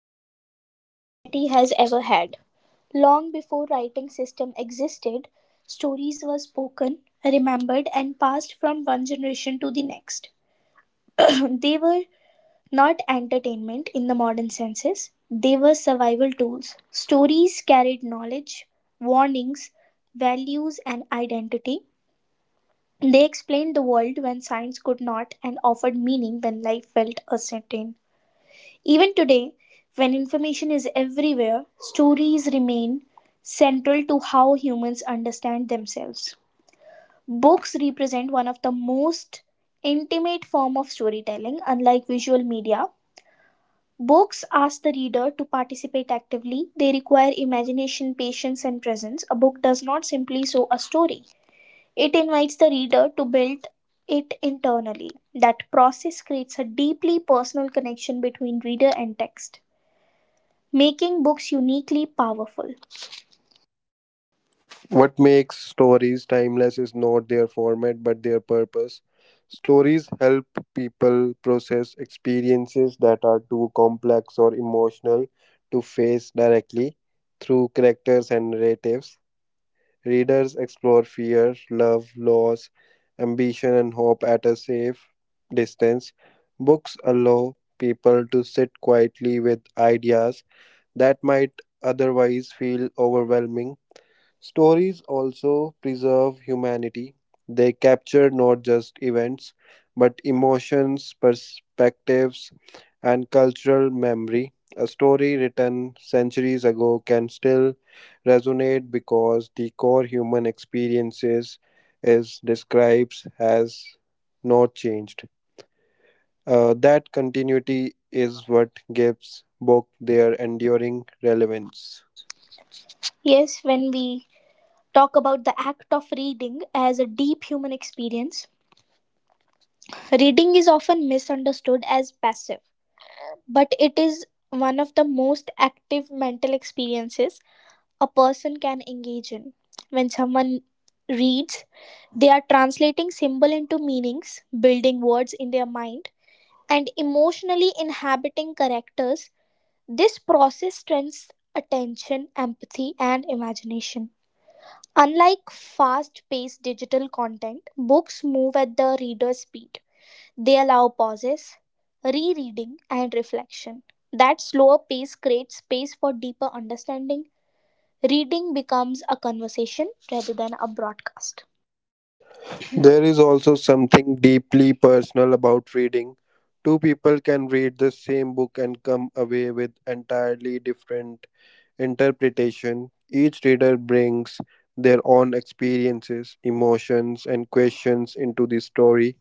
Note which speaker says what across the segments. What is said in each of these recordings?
Speaker 1: companions humanity has ever had. Long before writing system existed, stories were spoken, remembered and passed from one generation to the next. They were not entertainment in the modern senses, they were survival tools. Stories carried knowledge, warnings, values and identity. They explained the world when science could not and offered meaning when life felt uncertain. Even today, when information is everywhere, stories remain central to how humans understand themselves. Books represent one of the most intimate form of storytelling unlike visual media. Books ask the reader to participate actively. They require imagination, patience and presence. A book does not simply show a story. It invites the reader to build it internally. That process creates a deeply personal connection between reader and text, making books uniquely powerful.
Speaker 2: What makes stories timeless is not their format but their purpose. Stories help people process experiences that are too complex or emotional to face directly through characters and narratives. Readers explore fear, love, loss, ambition, and hope at a safe distance. Books allow people to sit quietly with ideas that might otherwise feel overwhelming. Stories also preserve humanity. They capture not just events, but emotions, perspectives, and cultural memory. A story written centuries ago can still resonate because the core human experiences is describes has not changed. That continuity is what gives book their enduring relevance.
Speaker 1: Yes, when we talk about the act of reading as a deep human experience, reading is often misunderstood as passive, but it is one of the most active mental experiences a person can engage in. When someone reads, they are translating symbol into meanings, building words in their mind, and emotionally inhabiting characters. This process strengthens attention, empathy, and imagination. Unlike fast paced digital content, books move at the reader's speed. They allow pauses, rereading, and reflection. That slower pace creates space for deeper understanding. Reading becomes a conversation rather than a broadcast.
Speaker 2: There is also something deeply personal about reading. Two people can read the same book and come away with entirely different interpretation. Each reader brings their own experiences, emotions, and questions into the story.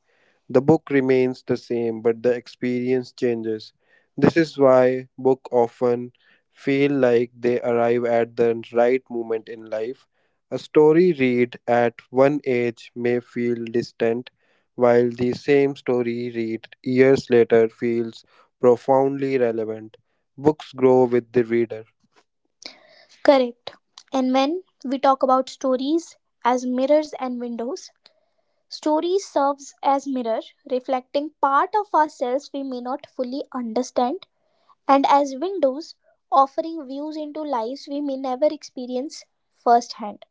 Speaker 2: The book remains the same, but the experience changes. This is why books often feel like they arrive at the right moment in life. A story read at one age may feel distant, while the same story read years later feels profoundly relevant. Books grow with the reader.
Speaker 1: Correct. And when we talk about stories as mirrors and windows, story serves as mirror, reflecting part of ourselves we may not fully understand, and as windows, offering views into lives we may never experience firsthand.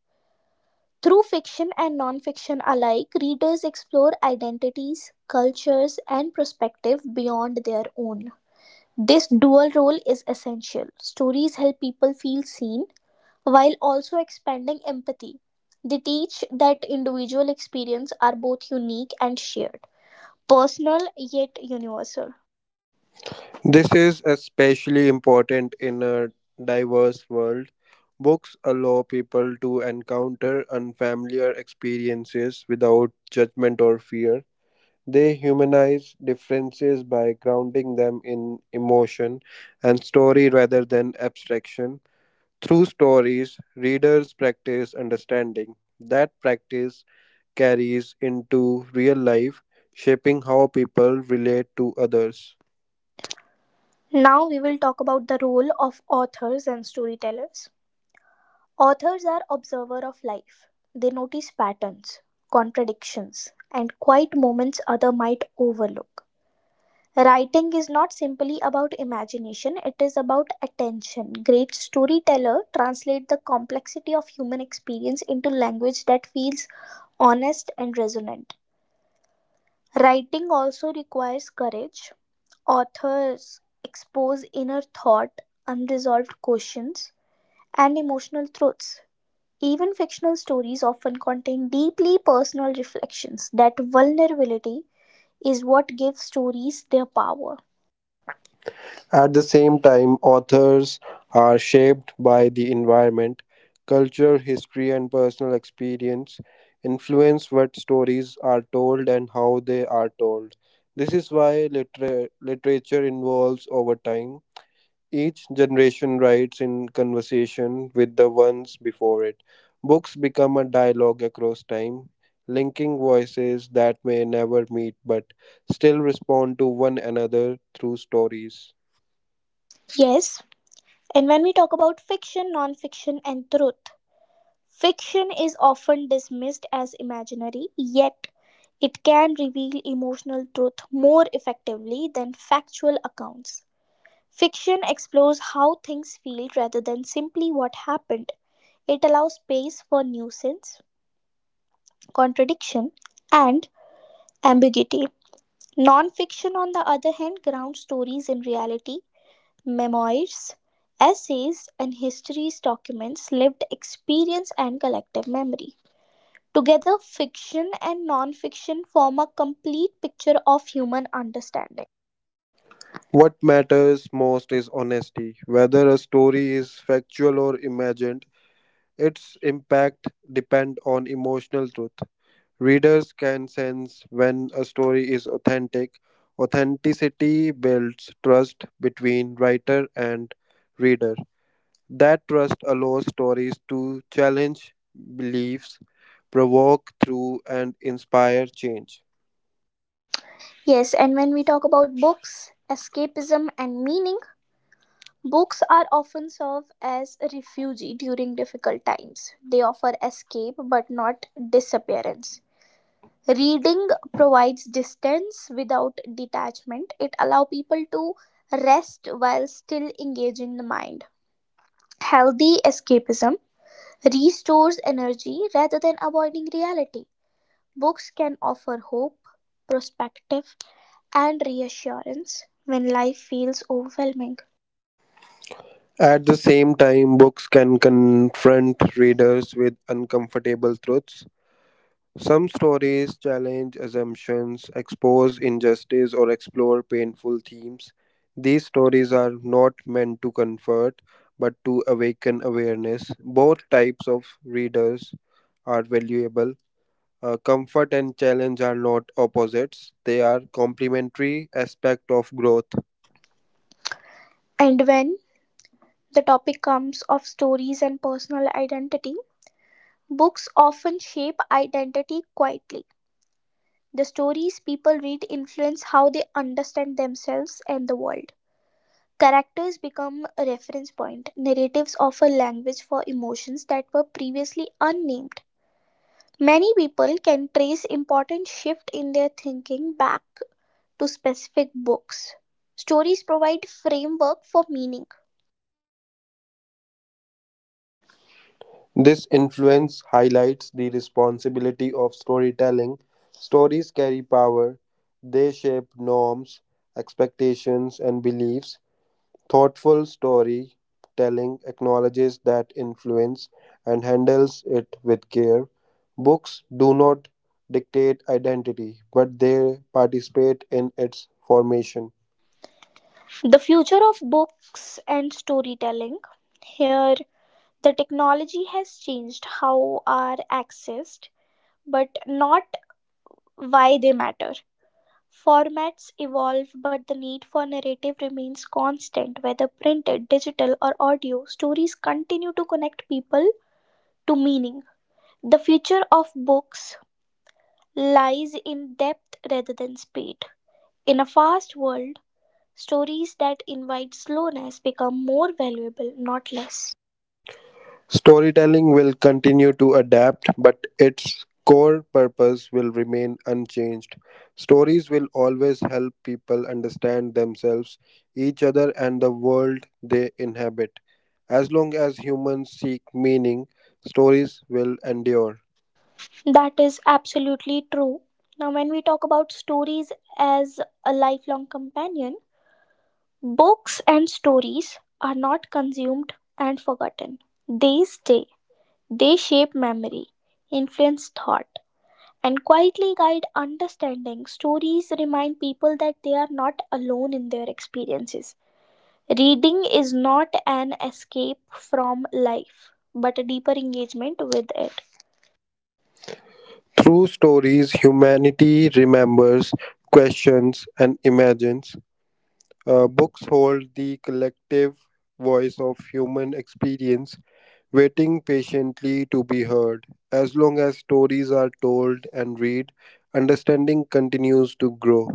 Speaker 1: Through fiction and non-fiction alike, readers explore identities, cultures, and perspective beyond their own. This dual role is essential. Stories help people feel seen while also expanding empathy. They teach that individual experiences are both unique and shared, personal yet universal.
Speaker 2: This is especially important in a diverse world. Books allow people to encounter unfamiliar experiences without judgment or fear. They humanize differences by grounding them in emotion and story rather than abstraction. Through stories, readers practice understanding. That practice carries into real life, shaping how people relate to others.
Speaker 1: Now we will talk about the role of authors and storytellers. Authors are observer of life. They notice patterns, contradictions, and quiet moments other might overlook. Writing is not simply about imagination, it is about attention. Great storyteller translate the complexity of human experience into language that feels honest and resonant. Writing also requires courage. Authors expose inner thought, unresolved questions, and emotional truths. Even fictional stories often contain deeply personal reflections. That vulnerability is what gives stories their power.
Speaker 2: At the same time, authors are shaped by the environment, culture, history, and personal experience, influence what stories are told and how they are told. This is why literature evolves over time. Each generation writes in conversation with the ones before it. Books become a dialogue across time, linking voices that may never meet but still respond to one another through stories.
Speaker 1: Yes, and when we talk about fiction, non fiction, and truth, fiction is often dismissed as imaginary, yet it can reveal emotional truth more effectively than factual accounts. Fiction explores how things feel rather than simply what happened. It allows space for nuisance, contradiction, and ambiguity. Non-fiction, on the other hand, grounds stories in reality, memoirs, essays, and histories, documents, lived experience, and collective memory. Together, fiction and non-fiction form a complete picture of human understanding.
Speaker 2: What matters most is honesty. Whether a story is factual or imagined, its impact depends on emotional truth. Readers can sense when a story is authentic. Authenticity builds trust between writer and reader. That trust allows stories to challenge beliefs, provoke through, and inspire change.
Speaker 1: Yes, and when we talk about books, escapism, and meaning, books are often serve as a refuge during difficult times. They offer escape but not disappearance. Reading provides distance without detachment. It allows people to rest while still engaging the mind. Healthy escapism restores energy rather than avoiding reality. Books can offer hope, perspective, and reassurance when life feels overwhelming.
Speaker 2: At the same time, books can confront readers with uncomfortable truths. Some stories challenge assumptions, expose injustice, or explore painful themes. These stories are not meant to comfort, but to awaken awareness. Both types of readers are valuable. Comfort and challenge are not opposites, they are complementary aspects of growth.
Speaker 1: And when the topic comes of stories and personal identity. Books often shape identity quietly. The stories people read influence how they understand themselves and the world. Characters become a reference point. Narratives offer language for emotions that were previously unnamed. Many people can trace important shift in their thinking back to specific books. Stories provide framework for meaning.
Speaker 2: This influence highlights the responsibility of storytelling. Stories carry power, they shape norms, expectations, and beliefs. Thoughtful storytelling acknowledges that influence and handles it with care. Books do not dictate identity, but they participate in its formation.
Speaker 1: The future of books and storytelling. Here, the technology has changed how are accessed, but not why they matter. Formats evolve, but the need for narrative remains constant, whether printed, digital, or audio. Stories continue to connect people to meaning. The future of books lies in depth rather than speed. In a fast world, stories that invite slowness become more valuable, not less.
Speaker 2: Storytelling will continue to adapt, but its core purpose will remain unchanged. Stories will always help people understand themselves, each other, and the world they inhabit. As long as humans seek meaning, stories will endure.
Speaker 1: That is absolutely true. Now, when we talk about stories as a lifelong companion, books and stories are not consumed and forgotten. They stay, they shape memory, influence thought, and quietly guide understanding. Stories remind people that they are not alone in their experiences. Reading is not an escape from life, but a deeper engagement with it.
Speaker 2: Through stories, humanity remembers, questions, and imagines. Books hold the collective voice of human experience waiting patiently to be heard. As long as stories are told and read, understanding continues to grow.